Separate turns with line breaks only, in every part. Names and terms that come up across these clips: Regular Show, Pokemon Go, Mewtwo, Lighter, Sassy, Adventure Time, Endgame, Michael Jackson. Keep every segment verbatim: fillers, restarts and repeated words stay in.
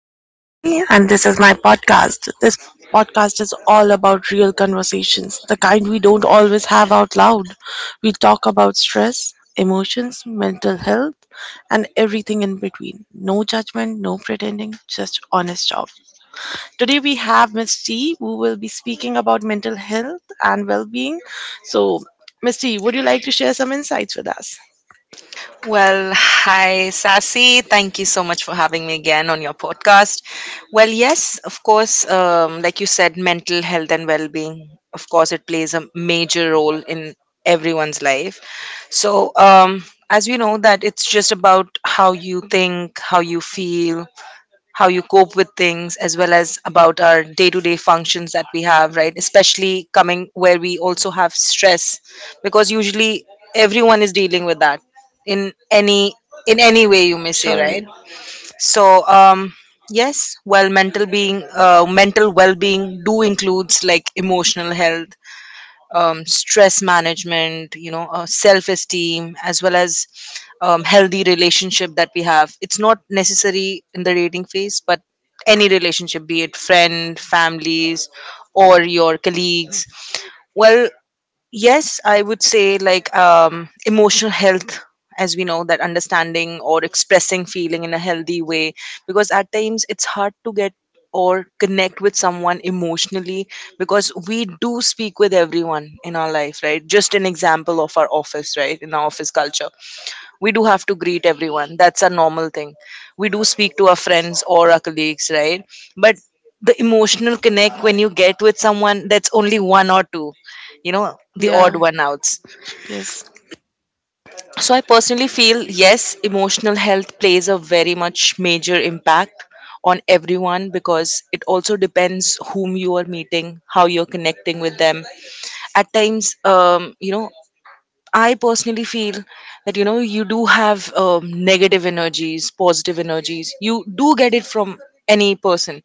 I'm Sassy, and this is my podcast. This podcast is all about real conversations, the kind we don't always have out loud. We talk about stress, emotions, mental health, and everything in between. No judgment, no pretending, just honest talk. Today, we have Miss T, who will be speaking about mental health and well being. So, Miss T, would you like to share some insights with us?
Well, hi, Sassy. Thank you so much for having me again on your podcast. Well, yes, of course, um, like you said, mental health and well being, of course, it plays a major role in everyone's life. So, um, as we know, that it's just about how you think, how you feel, how you cope with things, as well as about our day-to-day functions that we have, right? Especially coming where we also have stress, because usually everyone is dealing with that in any in any way, you may say, right?
Surely.
So um yes, well, mental being, uh, mental well-being do includes like emotional health, um, stress management, you know, uh, self esteem, as well as um, healthy relationship that we have. It's not necessary in the dating phase, but any relationship, be it friend, families, or your colleagues. Well, yes, I would say like um, emotional health, as we know, that understanding or expressing feeling in a healthy way, because at times it's hard to get or connect with someone emotionally, because we do speak with everyone in our life, right? Just an example of our office, right? In our office culture we do have to greet everyone, that's a normal thing. We do speak to our friends or our colleagues, right? But the emotional connect when you get with someone, that's only one or two, you know, the
Yeah,
odd one outs.
yes,
So I personally feel yes, emotional health plays a very much major impact on everyone, because it also depends whom you are meeting, how you're connecting with them. At times, um, you know I personally feel that you know you do have um, negative energies, positive energies. You do get it from any person.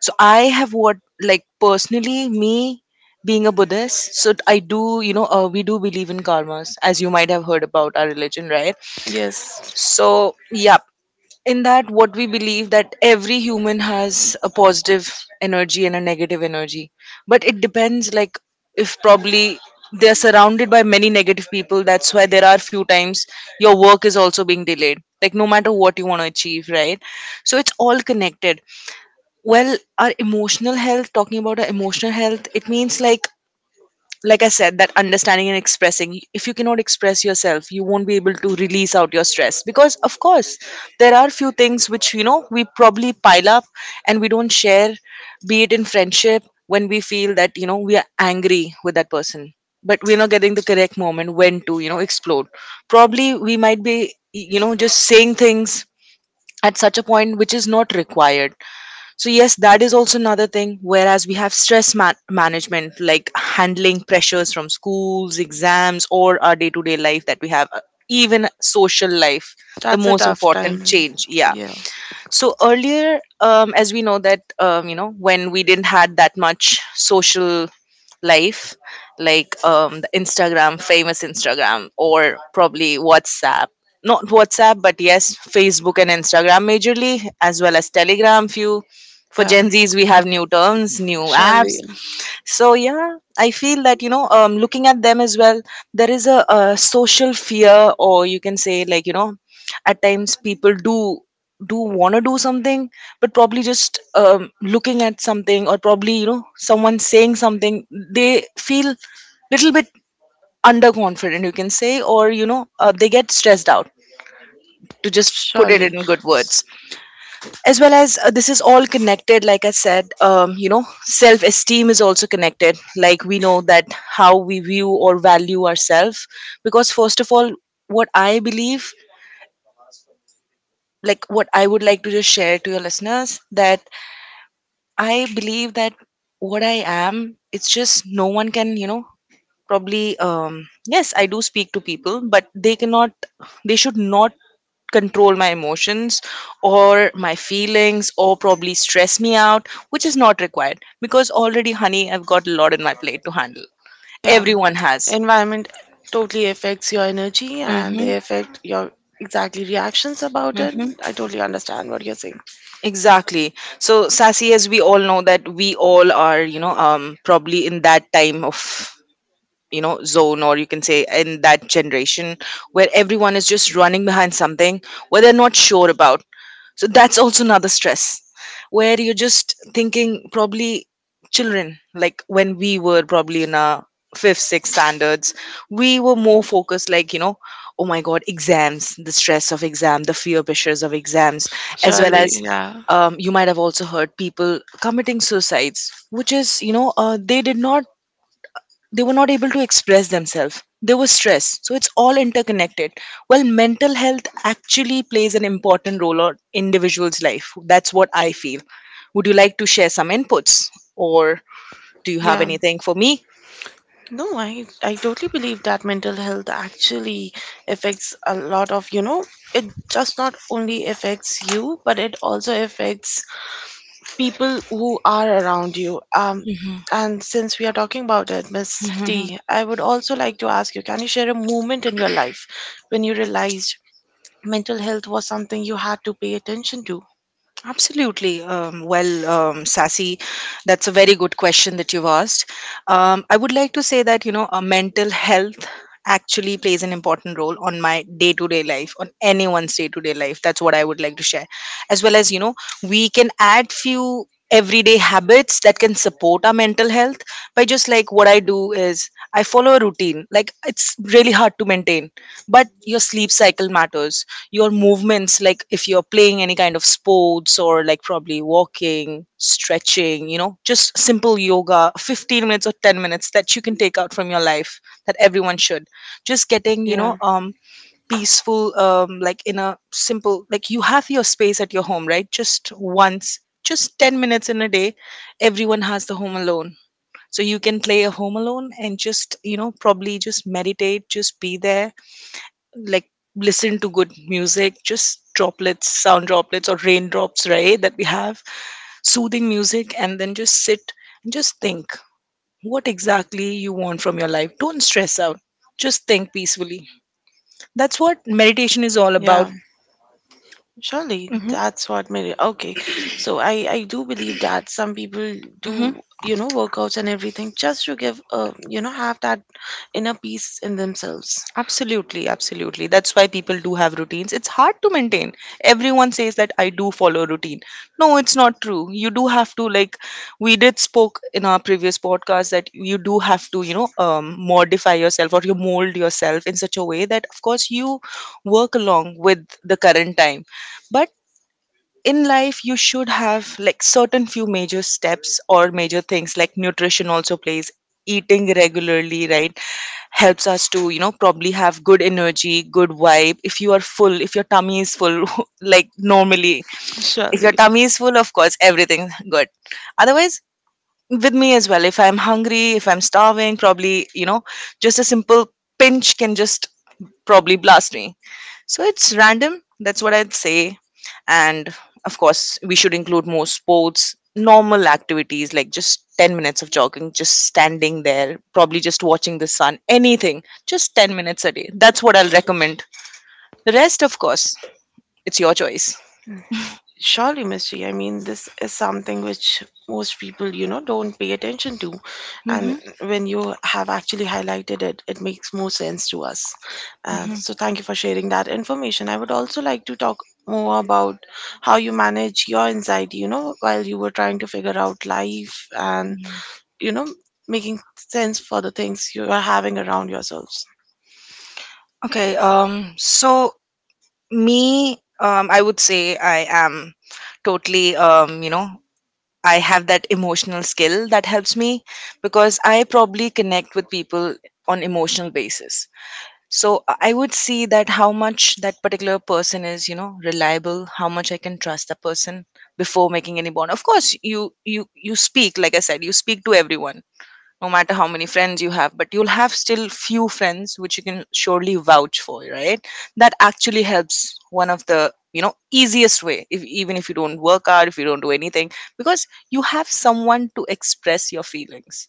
So I have what like personally me being a Buddhist. So I do, you know, uh, we do believe in karmas, as you might have heard about our religion, right?
yes.
So yeah, in that what we believe that every human has a positive energy and a negative energy, but it depends like if probably they are surrounded by many negative people, that's why there are few times your work is also being delayed, like no matter what you want to achieve, right? So it's all connected. Well, our emotional health, talking about our emotional health, it means like like I said, that understanding and expressing, if you cannot express yourself you won't be able to release out your stress, because of course there are few things which, you know, we probably pile up and we don't share, be it in friendship when we feel that, you know, we are angry with that person but we're not getting the correct moment when to, you know, explode. Probably we might be, you know, just saying things at such a point which is not required. So, yes, that is also another thing. Whereas we have stress man- management, like handling pressures from schools, exams, or our day to day life that we have, uh, even social life, the
That's a
most
tough time.
important change. Yeah,
Yeah.
so earlier, um, as we know that, um, you know when we didn't had that much social life, like um, the instagram famous Instagram, or probably WhatsApp, not WhatsApp, but yes Facebook and Instagram majorly, as well as Telegram few,
The
for Gen Z's we
Yeah.
have new terms, new
Surely,
apps. So yeah, I feel that you know, um, looking at them as well, there is a, a social fear, or you can say like, you know, at times people do do want to do something, but probably just um, looking at something, or probably, you know, someone saying something, they feel little bit underconfident, you can say, or you know uh, they get stressed out, to just put it
surely.
in good words. As well as uh, this is all connected, like I said, um, you know, self esteem is also connected, like we know that how we view or value ourselves. Because first of all, what I believe, like what I would like to just share to your listeners, that I believe that what I am, it's just no one can, you know, probably um, yes I do speak to people, but they cannot, they should not control my emotions or my feelings, or probably stress me out, which is not required, because already honey I've got a lot in my plate to handle.
Yeah.
Everyone has.
Environment totally affects your energy, and
Hmm.
they affect your exactly reactions about it.
Mm-hmm.
I totally understand what you're saying.
Exactly. So, Sassy, as we all know that we all are, you know, um, probably in that time of, you know, zone, or you can say in that generation where everyone is just running behind something where they're not sure about, so that's also another stress, where you're just thinking probably children, like when we were probably in our fifth sixth standards, we were more focused, like you know, oh my god, exams, the stress of exam, the fear pressures of exams.
So
As well
surely,
as,
yeah.
um, you might have also heard people committing suicides, which is you know, uh, they did not, they were not able to express themselves, they were stressed, so it's all interconnected. Well, mental health actually plays an important role on individuals life, that's what I feel. Would you like to share some inputs, or do you have
Yeah.
anything for me?
No, I I totally believe that mental health actually affects a lot of, you know, it just not only affects you, but it also affects people who are around you. Um, and since we are talking about it, Miss
Mhm.
T, I would also like to ask, you can you share a moment in your life when you realized mental health was something you had to pay attention to?
Absolutely. Um, well, um, Sassy, that's a very good question that you've asked. Um, I would like to say that, you know, uh, mental health actually plays an important role on my day to day life, on anyone's day to day life. That's what I would like to share. As well as, you know, we can add few everyday habits that can support our mental health, by just like what I do is I follow a routine. Like, it's really hard to maintain, but your sleep cycle matters, your movements, like if you're playing any kind of sports, or like probably walking, stretching, you know, just simple yoga, fifteen minutes or ten minutes that you can take out from your life, that everyone should. Just getting, you know,
Yeah.
um peaceful, um like in a simple, like you have your space at your home, right? Just once, just ten minutes in a day, everyone has the home alone. So you can play a home alone and just, you know, probably just meditate, just be there, like listen to good music, just droplets, sound droplets or raindrops, right, that we have, soothing music, and then just sit and just think what exactly you want from your life, don't stress out, just think peacefully. That's what meditation is all
Yeah,
about.
surely,
Hmm.
that's what made it okay. So I I do believe that some people
Hmm.
do you know workouts and everything just to give uh you know have that inner peace in themselves.
Absolutely, absolutely. That's why people do have routines. It's hard to maintain. Everyone says that I do follow a routine. No, it's not true. You do have to like, we did spoke in our previous podcast that you do have to, you know, um, modify yourself, or you mold yourself in such a way that of course you work along with the current time. But in life you should have like certain few major steps or major things, like nutrition also plays, eating regularly, right, helps us to, you know, probably have good energy, good vibe, if you are full, if your tummy is full like normally, if your
Surely.
tummy is full of course everything good. Otherwise, with me as well, if I'm hungry, if I'm starving, probably you know, just a simple pinch can just probably blast me. So it's random, that's what I'd say. And of course we should include more sports, normal activities, like just ten minutes of jogging, just standing there, probably just watching the sun, anything, just ten minutes a day, that's what I'll recommend. The rest, of course, it's your choice.
Surely, mystery, I mean, this is something which most people you know don't pay attention to.
Hmm.
And when you have actually highlighted it it makes more sense to us. And
Hmm.
so thank you for sharing that information. I would also like to talk more about how you manage your anxiety, you know while you were trying to figure out life, and you know making sense for the things you are having around yourselves.
Okay, um so me, um, I would say I am totally, um, you know, I have that emotional skill that helps me, because I probably connect with people on emotional basis. So i I would see that how much that particular person is, you know, reliable, how much I can trust that person before making any bond. Of course you, you you speak, like I said, you speak to everyone, no matter how many friends you have, but you'll have still few friends which you can surely vouch for, right? That actually helps. One of the, you know, easiest way, if, even if you don't work out, if you don't do anything, because you have someone to express your feelings,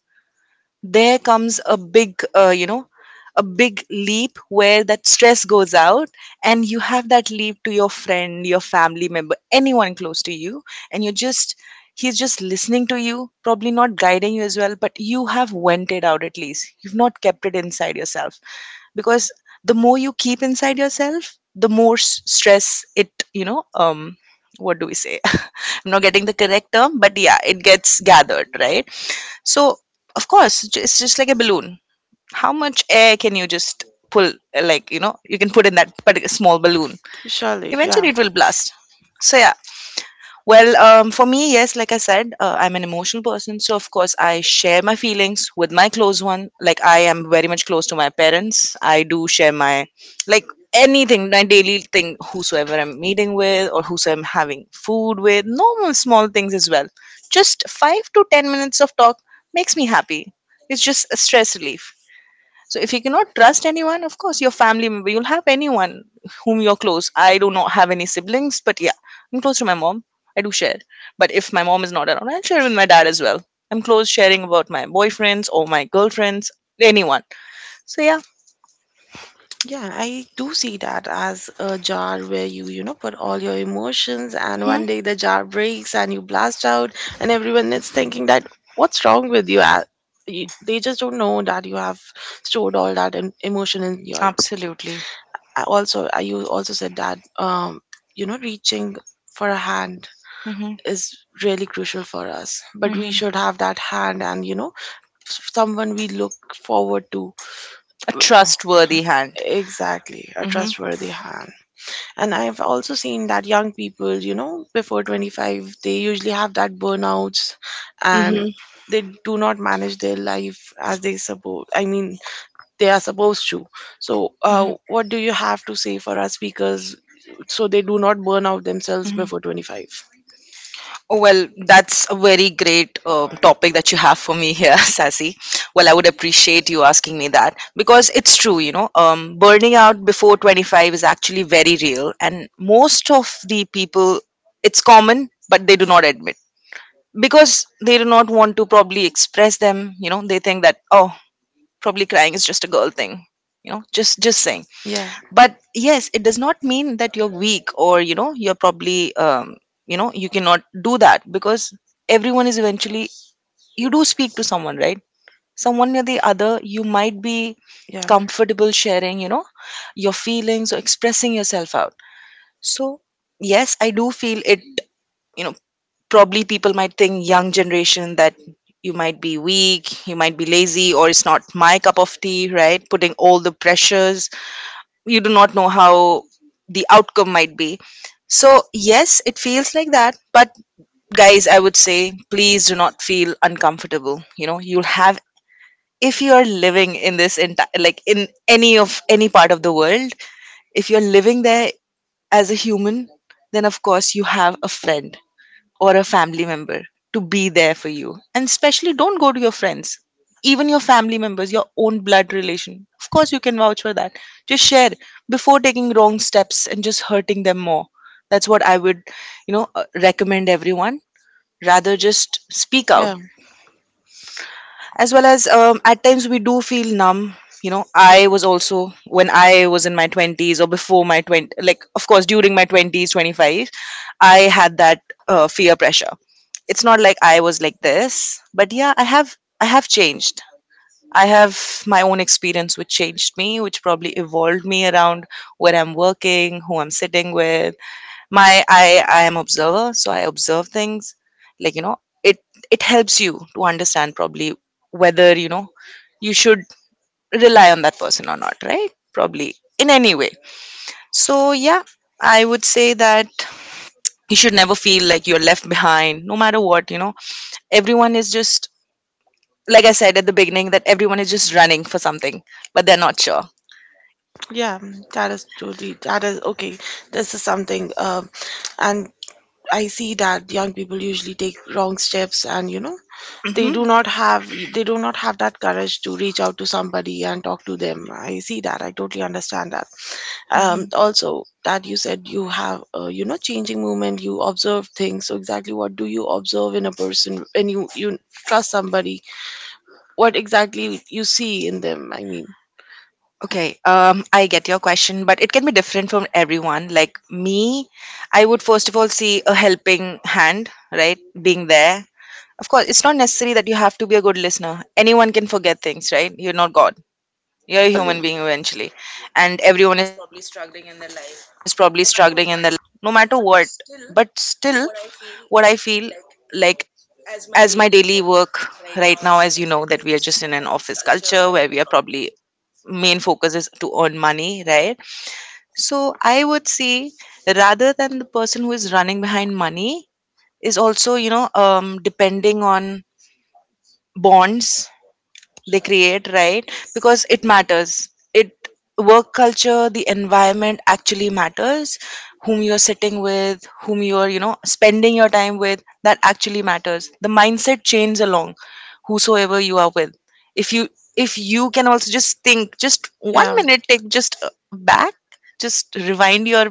there comes a big, uh, you know, a big leap where that stress goes out, and you have that leap to your friend, your family member, anyone close to you, and you're just, he's just listening to you, probably not guiding you as well, but you have vented out, at least you've not kept it inside yourself. Because the more you keep inside yourself, the more s- stress it, you know um what do we say I'm not getting the correct term, but yeah, it gets gathered, right? So, of course, ju- It's just like a balloon. How much air can you just pull, uh, like, you know, you can put in that particular small balloon?
Surely. Yeah.
Eventually, it will blast. So, yeah, well, um, for me, yes, like I said, uh, I'm an emotional person. So, of course, I share my feelings with my close one. Like, I am very much close to my parents. I do share my, like, anything, my daily thing, whosoever I'm meeting with or whosoever I'm having food with, normal small things as well. Just five to ten minutes of talk makes me happy. It's just a stress relief. So if you cannot trust anyone, of course, your family member, you'll have anyone whom you're close. I do not have any siblings, but yeah, I'm close to my mom. I do share. But if my mom is not around, I'll share with my dad as well. I'm close sharing about my boyfriends or my girlfriends, anyone. So yeah.
Yeah, I do see that as a jar where you, you know, put all your emotions, and
Hmm.
one day the jar breaks and you blast out, and everyone is thinking that, what's wrong with you? Ah, you- they just don't know that you have stored all that em- emotion in your.
Absolutely.
I also, I you also said that, um, you know, reaching for a hand
Hmm.
is really crucial for us, but we
Hmm.
should have that hand, and you know, s- someone we look forward to.
A trustworthy hand.
Exactly, a
Hmm.
trustworthy hand. And I've also seen that young people, you know, before twenty-five, they usually have that burnouts, and
Hmm.
they do not manage their life as they suppose. I mean, they are supposed to. So, uh,
Mhm,
what do you have to say for our speakers so they do not burn out themselves
mhm.
before twenty-five?
Well, that's a very great um, topic that you have for me here, Sassy. Well, I would appreciate you asking me that, because it's true, you know, um, burning out before twenty-five is actually very real, and most of the people, it's common, but they do not admit, because they do not want to probably express them. You know, they think that, oh, probably crying is just a girl thing, you know, just just saying.
Yeah,
But yes, it does not mean that you're weak, or you know you're probably um, you know you cannot do that, because everyone is eventually, you do speak to someone, right? Someone or the other, you might be
yeah.
comfortable sharing, you know your feelings or expressing yourself out. So yes, I do feel it, you know probably people might think young generation, that you might be weak, you might be lazy, or it's not my cup of tea, right? Putting all the pressures, you do not know how the outcome might be. So yes, it feels like that, but guys, I would say please do not feel uncomfortable. You know, you'll have, if you are living in this entire, like in any of any part of the world, if you're living there as a human, then of course you have a friend or a family member to be there for you. And especially, don't go to your friends, even your family members, your own blood relation. Of course, you can vouch for that. Just share before taking wrong steps and just hurting them more. That's what I would, you know, uh, recommend everyone. Rather just speak out,
Yeah,
as well as, um, at times we do feel numb, you know I was also when I was in my twenties or before my twenty, like of course during my twenties, twenty-five, I had that uh, fear pressure. It's not like I was like this, but yeah, i have i have changed. I have my own experience which changed me, which probably evolved me around, where I'm working, who I'm sitting with. My I I am observer, so I observe things. Like, you know, it it helps you to understand, probably whether you know you should rely on that person or not, right? Probably in any way. So yeah, I would say that you should never feel like you're left behind, no matter what. You know, everyone is just, like I said at the beginning, that everyone is just running for something, but they're not sure.
yeah, that is totally, that is okay. This is something, um, and I see that young people usually take wrong steps, and you know they
Hmm.
do not have they do not have that courage to reach out to somebody and talk to them. I see that. I totally understand that. Um
Hmm.
also, that you said you have uh, you know changing movement, you observe things. So exactly what do you observe in a person when you you trust somebody? What exactly you see in them, I mean.
Okay, um, I get your question, but it can be different from everyone. Like me, I would first of all see a helping hand, right? Being there. Of course, it's not necessary that you have to be a good listener. Anyone can forget things, right? You're not God. You're a
Surely.
human being eventually. And everyone is probably struggling in their life, no matter what. But still, what I feel, like, as my daily work right now, as you know, that we are just in an office culture where we are probably, main focus is to earn money, right? So I would say, rather than, the person who is running behind money is also, you know, um, depending on bonds they create, right? Because it matters. It, work culture, the environment actually matters. Whom you're sitting with, whom you're, you know, spending your time with, that actually matters. The mindset changes along whosoever you are with. If you if you can also just think, just one
Yeah.
minute, take just uh, back, just rewind your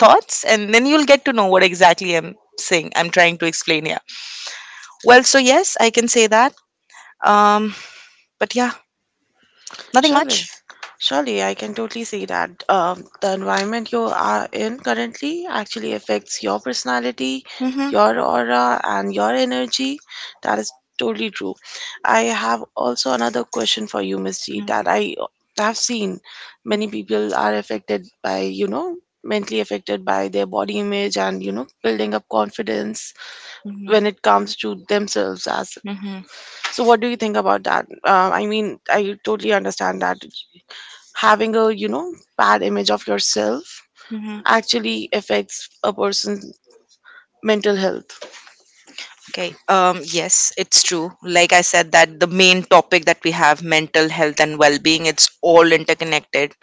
thoughts, and then you'll get to know what exactly I'm saying. I'm trying to explain here. Well, so yes, I can say that. Um, but yeah, nothing
Surely.
much.
Surely, I can totally see that um, the environment you are in currently actually affects your personality,
Mhm. Mhm.
your aura, and your energy. That is totally true. I have also another question for you, Miss G, that I have seen many people are affected by, you know, mentally affected by their body image and, you know, building up confidence
Mhm.
when it comes to themselves as.
Mhm.
So what do you think about that, um, I mean, I totally understand that having a you know bad image of yourself
Mhm.
actually affects a person's mental health.
Okay. Um, yes, it's true. Like I said, that the main topic that we have, mental health and well-being, it's all interconnected.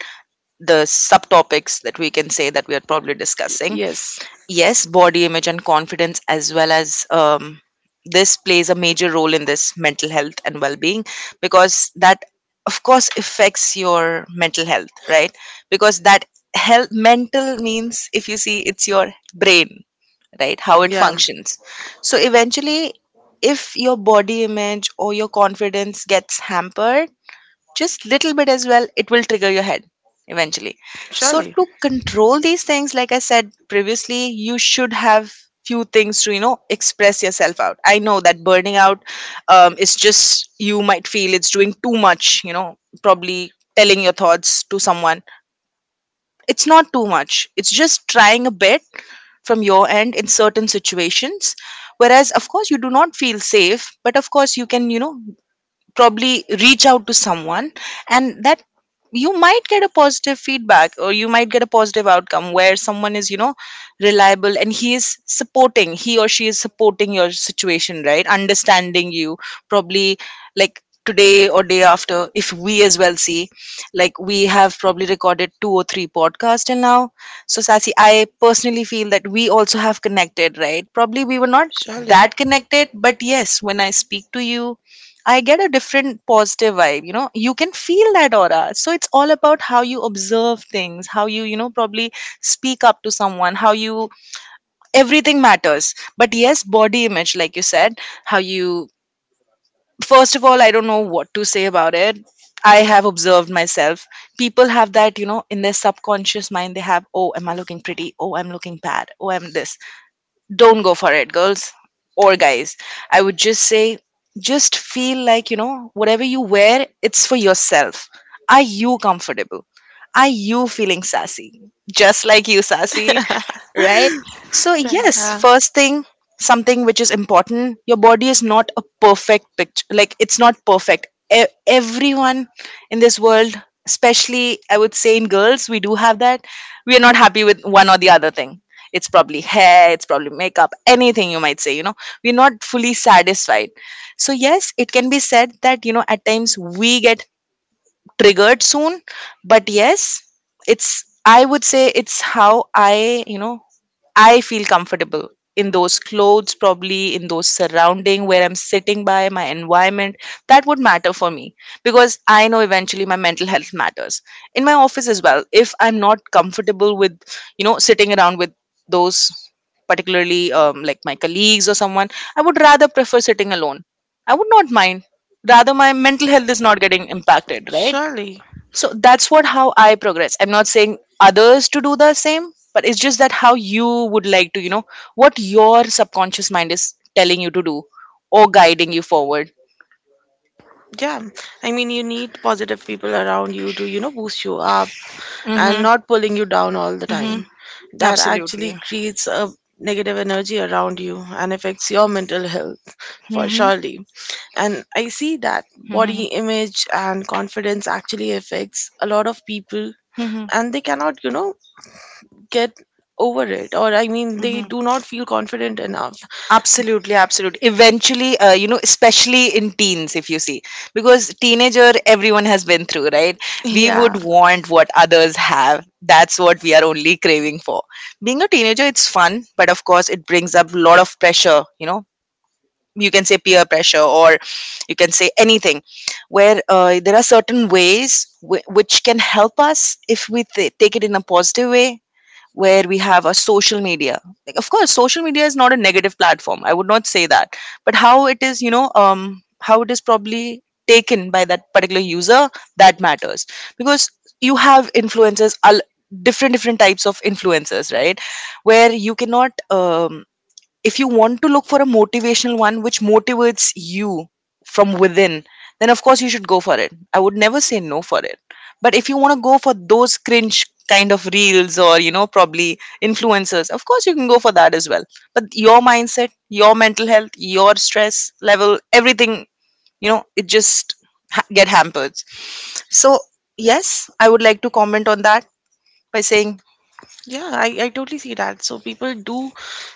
The subtopics that we can say that we are probably discussing.
Yes.
Yes, body image and confidence, as well as, um, this plays a major role in this mental health and well-being, because that of course affects your mental health, right? Because that, health mental means, if you see, it's your brain, right? How it
Yeah.
functions. So eventually, if your body image or your confidence gets hampered just little bit as well, it will trigger your head eventually. So
Surely.
to control these things, like I said previously, you should have few things to, you know express yourself out. I know that burning out, um, is just, you might feel it's doing too much, you know probably telling your thoughts to someone. It's not too much, it's just trying a bit from your end. In certain situations whereas of course you do not feel safe, but of course you can, you know probably reach out to someone, and that, you might get a positive feedback, or you might get a positive outcome, where someone is, you know reliable, and he is supporting he or she is supporting your situation, right? Understanding you probably. Like today or day after, if we as well see, like, we have probably recorded two or three podcasts till now. So Sassy, I personally feel that we also have connected, right? Probably we were not
Surely.
that
Yeah.
connected, but yes, when I speak to you, I get a different positive vibe. You know, you can feel that aura. So it's all about how you observe things, how you, you know, probably speak up to someone, how you, everything matters. But yes, body image, like you said, how you, first of all, I don't know what to say about it. I have observed myself. People have that, you know, in their subconscious mind, they have, oh, am I looking pretty? Oh, I'm looking bad. Oh, I'm this, don't go for it, girls, or guys, I would just say, just feel like, you know whatever you wear, it's for yourself. Are you comfortable? Are you feeling sassy? Just like you, Sassy, right? So yes, first thing, something which is important, your body is not a perfect picture, like, it's not perfect. E- everyone in this world, especially I would say in girls, we do have that, we are not happy with one or the other thing. It's probably hair, it's probably makeup, anything you might say, you know we're not fully satisfied. So yes, it can be said that, you know at times we get triggered soon. But yes, it's, I would say it's how I, you know I feel comfortable in those clothes, probably in those surrounding where I'm sitting, by my environment. That would matter for me, because I know eventually my mental health matters. In my office as well, if I'm not comfortable with, you know sitting around with those, particularly, um, like my colleagues or someone, I would rather prefer sitting alone. I would not mind, rather my mental health is not getting impacted, right?
Surely.
So that's what, how I progress. I'm not saying others to do the same, but it's just that, how you would like to, you know what your subconscious mind is telling you to do, or guiding you forward.
Yeah. I mean, you need positive people around you to you know boost you up, and
Mm-hmm.
not pulling you down all the
Mm-hmm.
time. That
Absolutely.
actually creates a negative energy around you, and affects your mental health for
Mm-hmm.
surely. And I see that body image and confidence actually affects a lot of people,
Mm-hmm.
and they cannot, you know, get over it, or I mean, they
Mm-hmm.
do not feel confident enough.
Absolutely, absolutely. Eventually, uh, you know, especially in teens, if you see, because teenager, everyone has been through, right? We
Yeah.
would want what others have. That's what we are only craving for. Being a teenager, it's fun, but of course it brings up a lot of pressure, you know. You can say peer pressure, or you can say anything, where uh, there are certain ways w- which can help us if we th- take it in a positive way where we have a social media. Like, of course, social media is not a negative platform, I would not say that. But how it is, you know um how it is probably taken by that particular user, that matters. Because you have influencers, al- different different types of influencers, right? Where you cannot, um, if you want to look for a motivational one which motivates you from within, then of course you should go for it. I would never say no for it. But if you want to go for those cringe kind of reels or, you know, probably influencers, of course you can go for that as well. But your mindset, your mental health, your stress level, everything, you know, it just ha- get hampered. So, yes, I would like to comment on that by saying,
Yeah, I, I totally see that. So people do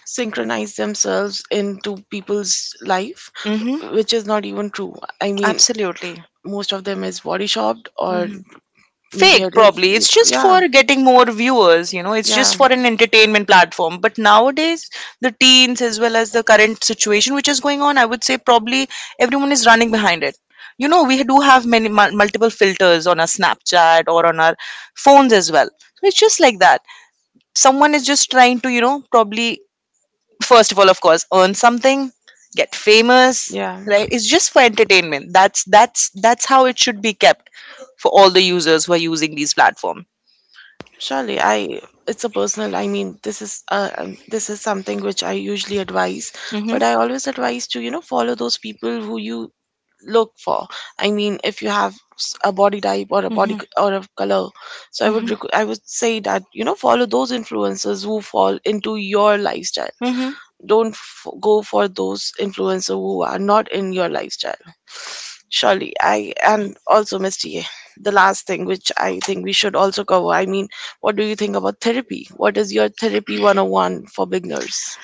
synchronize themselves into people's life,
mm hmm,
which is not even true. I mean,
absolutely.
most of them is body shopped, or
Mm-hmm.
maybe
Fake,
edit.
probably. It's
It's just.
just
Yeah,
for getting more viewers, you know it's
yeah.
just for an entertainment platform. But nowadays, the teens as well as the current situation which is going on, I would say probably everyone is running behind it. You know we do have many mul- multiple filters on our Snapchat or on our phones as well. So it's just like that. Someone is just trying to, you know probably, first of all, of course, earn something, get famous, right? It's just for entertainment. That's that's that's how it should be kept for all the users who are using these platforms.
Surely, I it's a personal. I mean, this is uh, um, this is something which I usually advise,
Hmm.
but I always advise to you know follow those people who you look for. I mean, if you have s- a body type, or a body
Hmm.
c- or a color, so I would
Hmm.
rec- I would say that you know follow those influencers who fall into your lifestyle.
Hmm.
Don't f- go for those influencers who are not in your lifestyle. Surely, I and also Miss T, the last thing which I think we should also cover, I mean, what do you think about therapy? What is your therapy one oh one for beginners?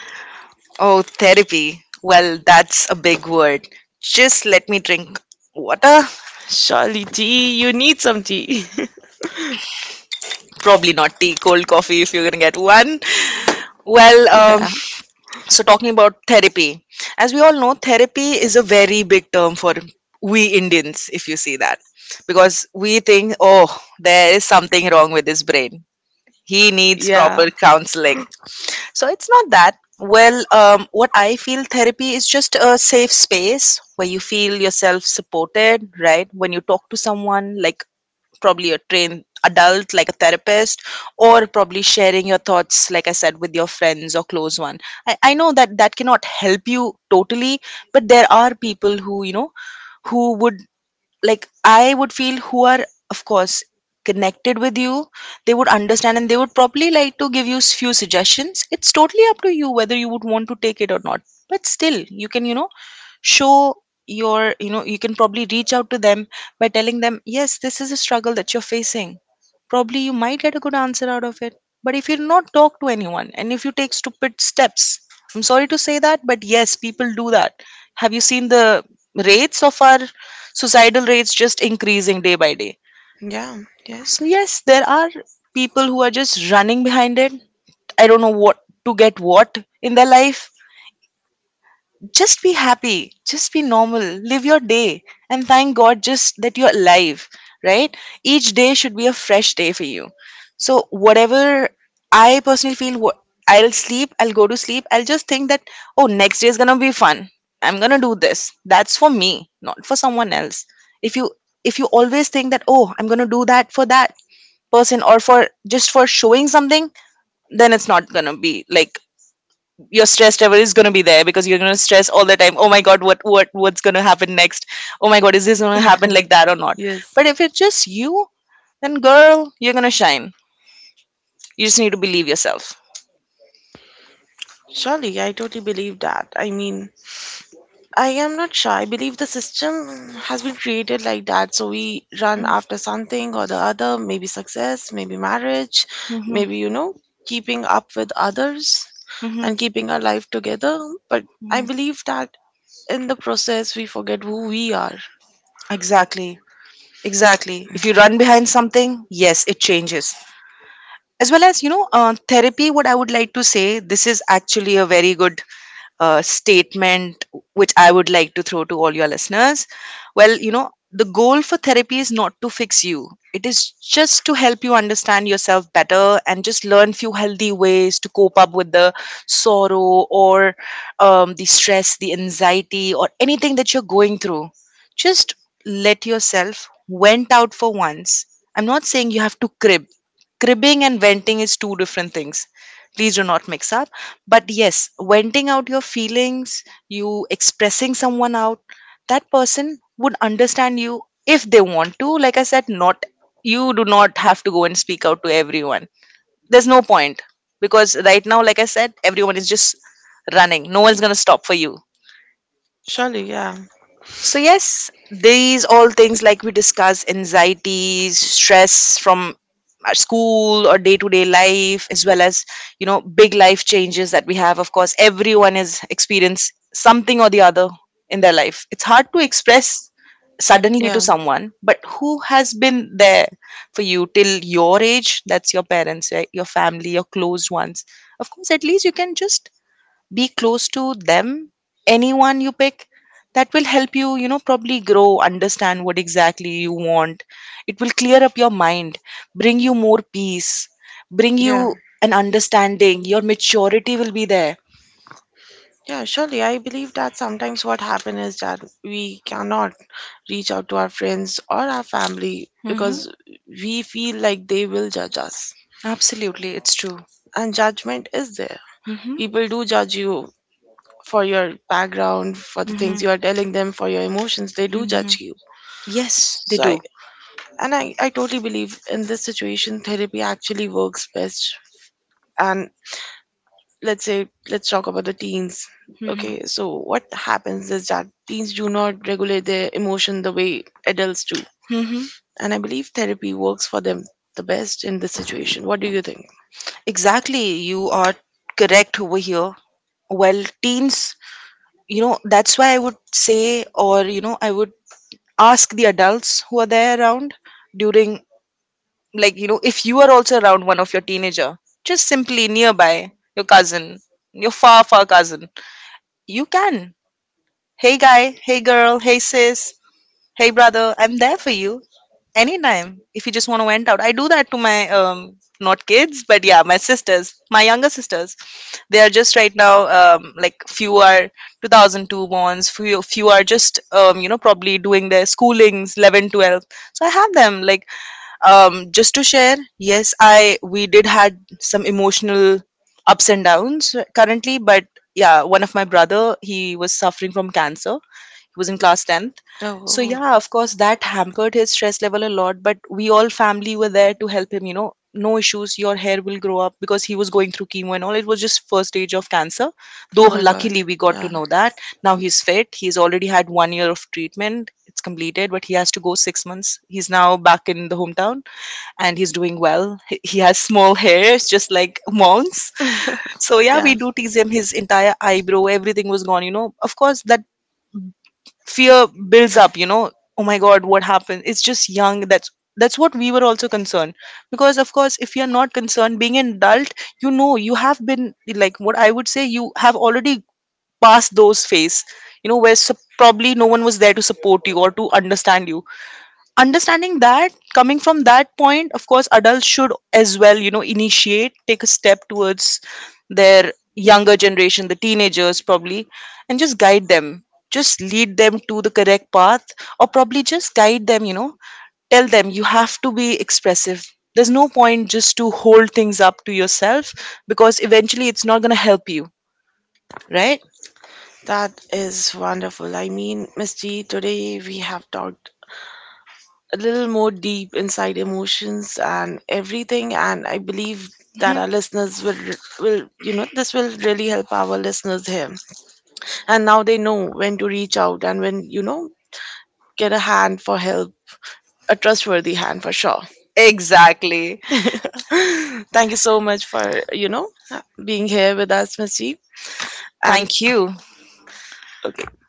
Oh, therapy. Well, that's a big word. Just let me drink water.
Surely, T, you need some tea.
Probably not tea, cold coffee if you're gonna get one. Well, um.
Yeah.
So, talking about therapy, as we all know, therapy is a very big term for we Indians, if you see that. Because we think, oh, there is something wrong with his brain, he needs, yeah,
Yeah.
proper counseling. So it's not that. Well, um, what I feel therapy is just a safe space where you feel yourself supported, right? When you talk to someone, like probably a trained adult, like a therapist, or probably sharing your thoughts, like I said, with your friends or close one. I, I know that that cannot help you totally, but there are people who, you know, who would, like I would feel, who are, of course, connected with you. They would understand, and they would probably like to give you s- few suggestions. It's totally up to you whether you would want to take it or not. But still, you can, you know, show your, you know, you can probably reach out to them by telling them, yes, this is a struggle that you're facing. Probably you might get a good answer out of it. But if you not talk to anyone, and if you take stupid steps, I'm sorry to say that, but yes, people do that. Have you seen the rates of our suicidal rates just increasing day by day?
Yeah. Yes.
So yes, there are people who are just running behind it. I don't know what to get what in their life. Just be happy, just be normal, live your day, and thank God just that you're alive, right? Each day should be a fresh day for you. So, whatever I personally feel, wha- I'll sleep, I'll go to sleep, I'll just think that, oh, next day is gonna be fun. I'm gonna do this. That's for me, not for someone else. If you if you always think that, oh, I'm gonna do that for that person, or for just for showing something, then it's not gonna be like, your stress level is going to be there because you're going to stress all the time. Oh my god, what what what's going to happen next. Oh my god, is this going to happen like that or not?
Yes.
But if it's just you, then girl, you're going to shine. You just need to believe yourself.
Surely, I totally believe that. I mean, I am not sure. I believe the system has been created like that. So we run
Mm-hmm.
after something or the other, maybe success, maybe marriage, maybe, you know, keeping up with others
Mm-hmm.
and keeping
Hmm.
our life together. But I believe that in the process, we forget who we are.
Exactly, exactly. If you run behind something, yes, it changes. As well as, you know, uh, therapy, what I would like to say, this is actually a very good uh, statement which I would like to throw to all your listeners. Well, you know, the goal for therapy is not to fix you. It is just to help you understand yourself better and just learn few healthy ways to cope up with the sorrow, or um, the stress, the anxiety, or anything that you're going through. Just let yourself vent out for once. I'm not saying you have to crib. Cribbing and venting is two different things, please do not mix up. But yes, venting out your feelings, you expressing someone out, that person would understand you, if they want to, like I said. Not, you do not have to go and speak out to everyone, there's no point. Because right now, like I said, everyone is just running, no one's going to stop for you.
Surely, yeah.
So, yes, these all things like we discuss, anxieties, stress from our school or day to day life, as well as, you know, big life changes that we have. Of course, everyone has experienced something or the other in their life. It's hard to express suddenly to
Yeah.
someone, but who has been there for you till your age? That's your parents, right? Your family, your close ones. Of course, at least you can just be close to them, anyone you pick. That will help you, you know, probably grow, understand what exactly you want. It will clear up your mind, bring you more peace, bring
Yeah.
you an understanding. Your maturity will be there.
Yeah, surely. I believe that sometimes what happens is that we cannot reach out to our friends or our family
Hmm.
because we feel like they will judge us.
Absolutely, it's true.
And judgment is there.
Hmm.
People do judge you, for your background, for the things
Hmm.
you are telling them, for your emotions. They do
Hmm.
judge you.
Yes, they
So I
do.
and I, I totally believe in this situation, therapy actually works best. And let's say, let's talk about the teens.
Hmm.
Okay, so what happens is that teens do not regulate their emotion the way adults do,
Hmm.
and I believe therapy works for them the best in this situation. What do you think?
Exactly, you are correct over here. Well, teens, you know, that's why I would say, or, you know, I would ask the adults who are there around during, like, you know, if you are also around one of your teenager, just simply nearby, your cousin, your far, far cousin, you can. Hey guy, hey girl, hey sis, hey brother, I'm there for you anytime, if you just want to vent out. I do that to my um not kids, but yeah, my sisters, my younger sisters. They are just right now, um like, few are two thousand two bonds, few few are just um you know probably doing their schoolings 11 12. So I have them like, um just to share. Yes, I we did had some emotional ups and downs currently, but yeah, one of my brother, he was suffering from cancer, he was in class tenth.
Oh,
So,
oh.
yeah, of course, that hampered his stress level a lot. But we all family were there to help him, you know, no issues, your hair will grow up, because he was going through chemo and all. It was just first stage of cancer. Though
Oh my god.
luckily we got to
Yeah,
know that. Now he's fit. He's already had one year of treatment. It's completed, but he has to go six months. He's now back in the hometown and he's doing well. He he has small hairs, just like monks. So yeah, we
yeah,
do tease him. His entire eyebrow, everything was gone. You know, of course, that fear builds up, you know, oh my god, what happened, it's just young. That's that's what we were also concerned. Because of course, if you're not concerned being an adult, you know, you have been like, what I would say, you have already passed those phase. You know, where sup- probably no one was there to support you or to understand you. Understanding that, coming from that point, of course, adults should as well, you know, initiate, take a step towards their younger generation, the teenagers, probably, and just guide them, just lead them to the correct path, or probably just guide them, you know, tell them you have to be expressive. There's no point just to hold things up to yourself, because eventually it's not going to help you, right?
that is wonderful. I mean, misty, today we have talked a little more deep inside emotions and everything, and I believe that our listeners will will you know this will really help our listeners here. And now they know when to reach out, and when you know get a hand for help. A trustworthy hand for sure.
Exactly.
Thank you so much for you know being here with us, Masih. And
Thank you.
okay.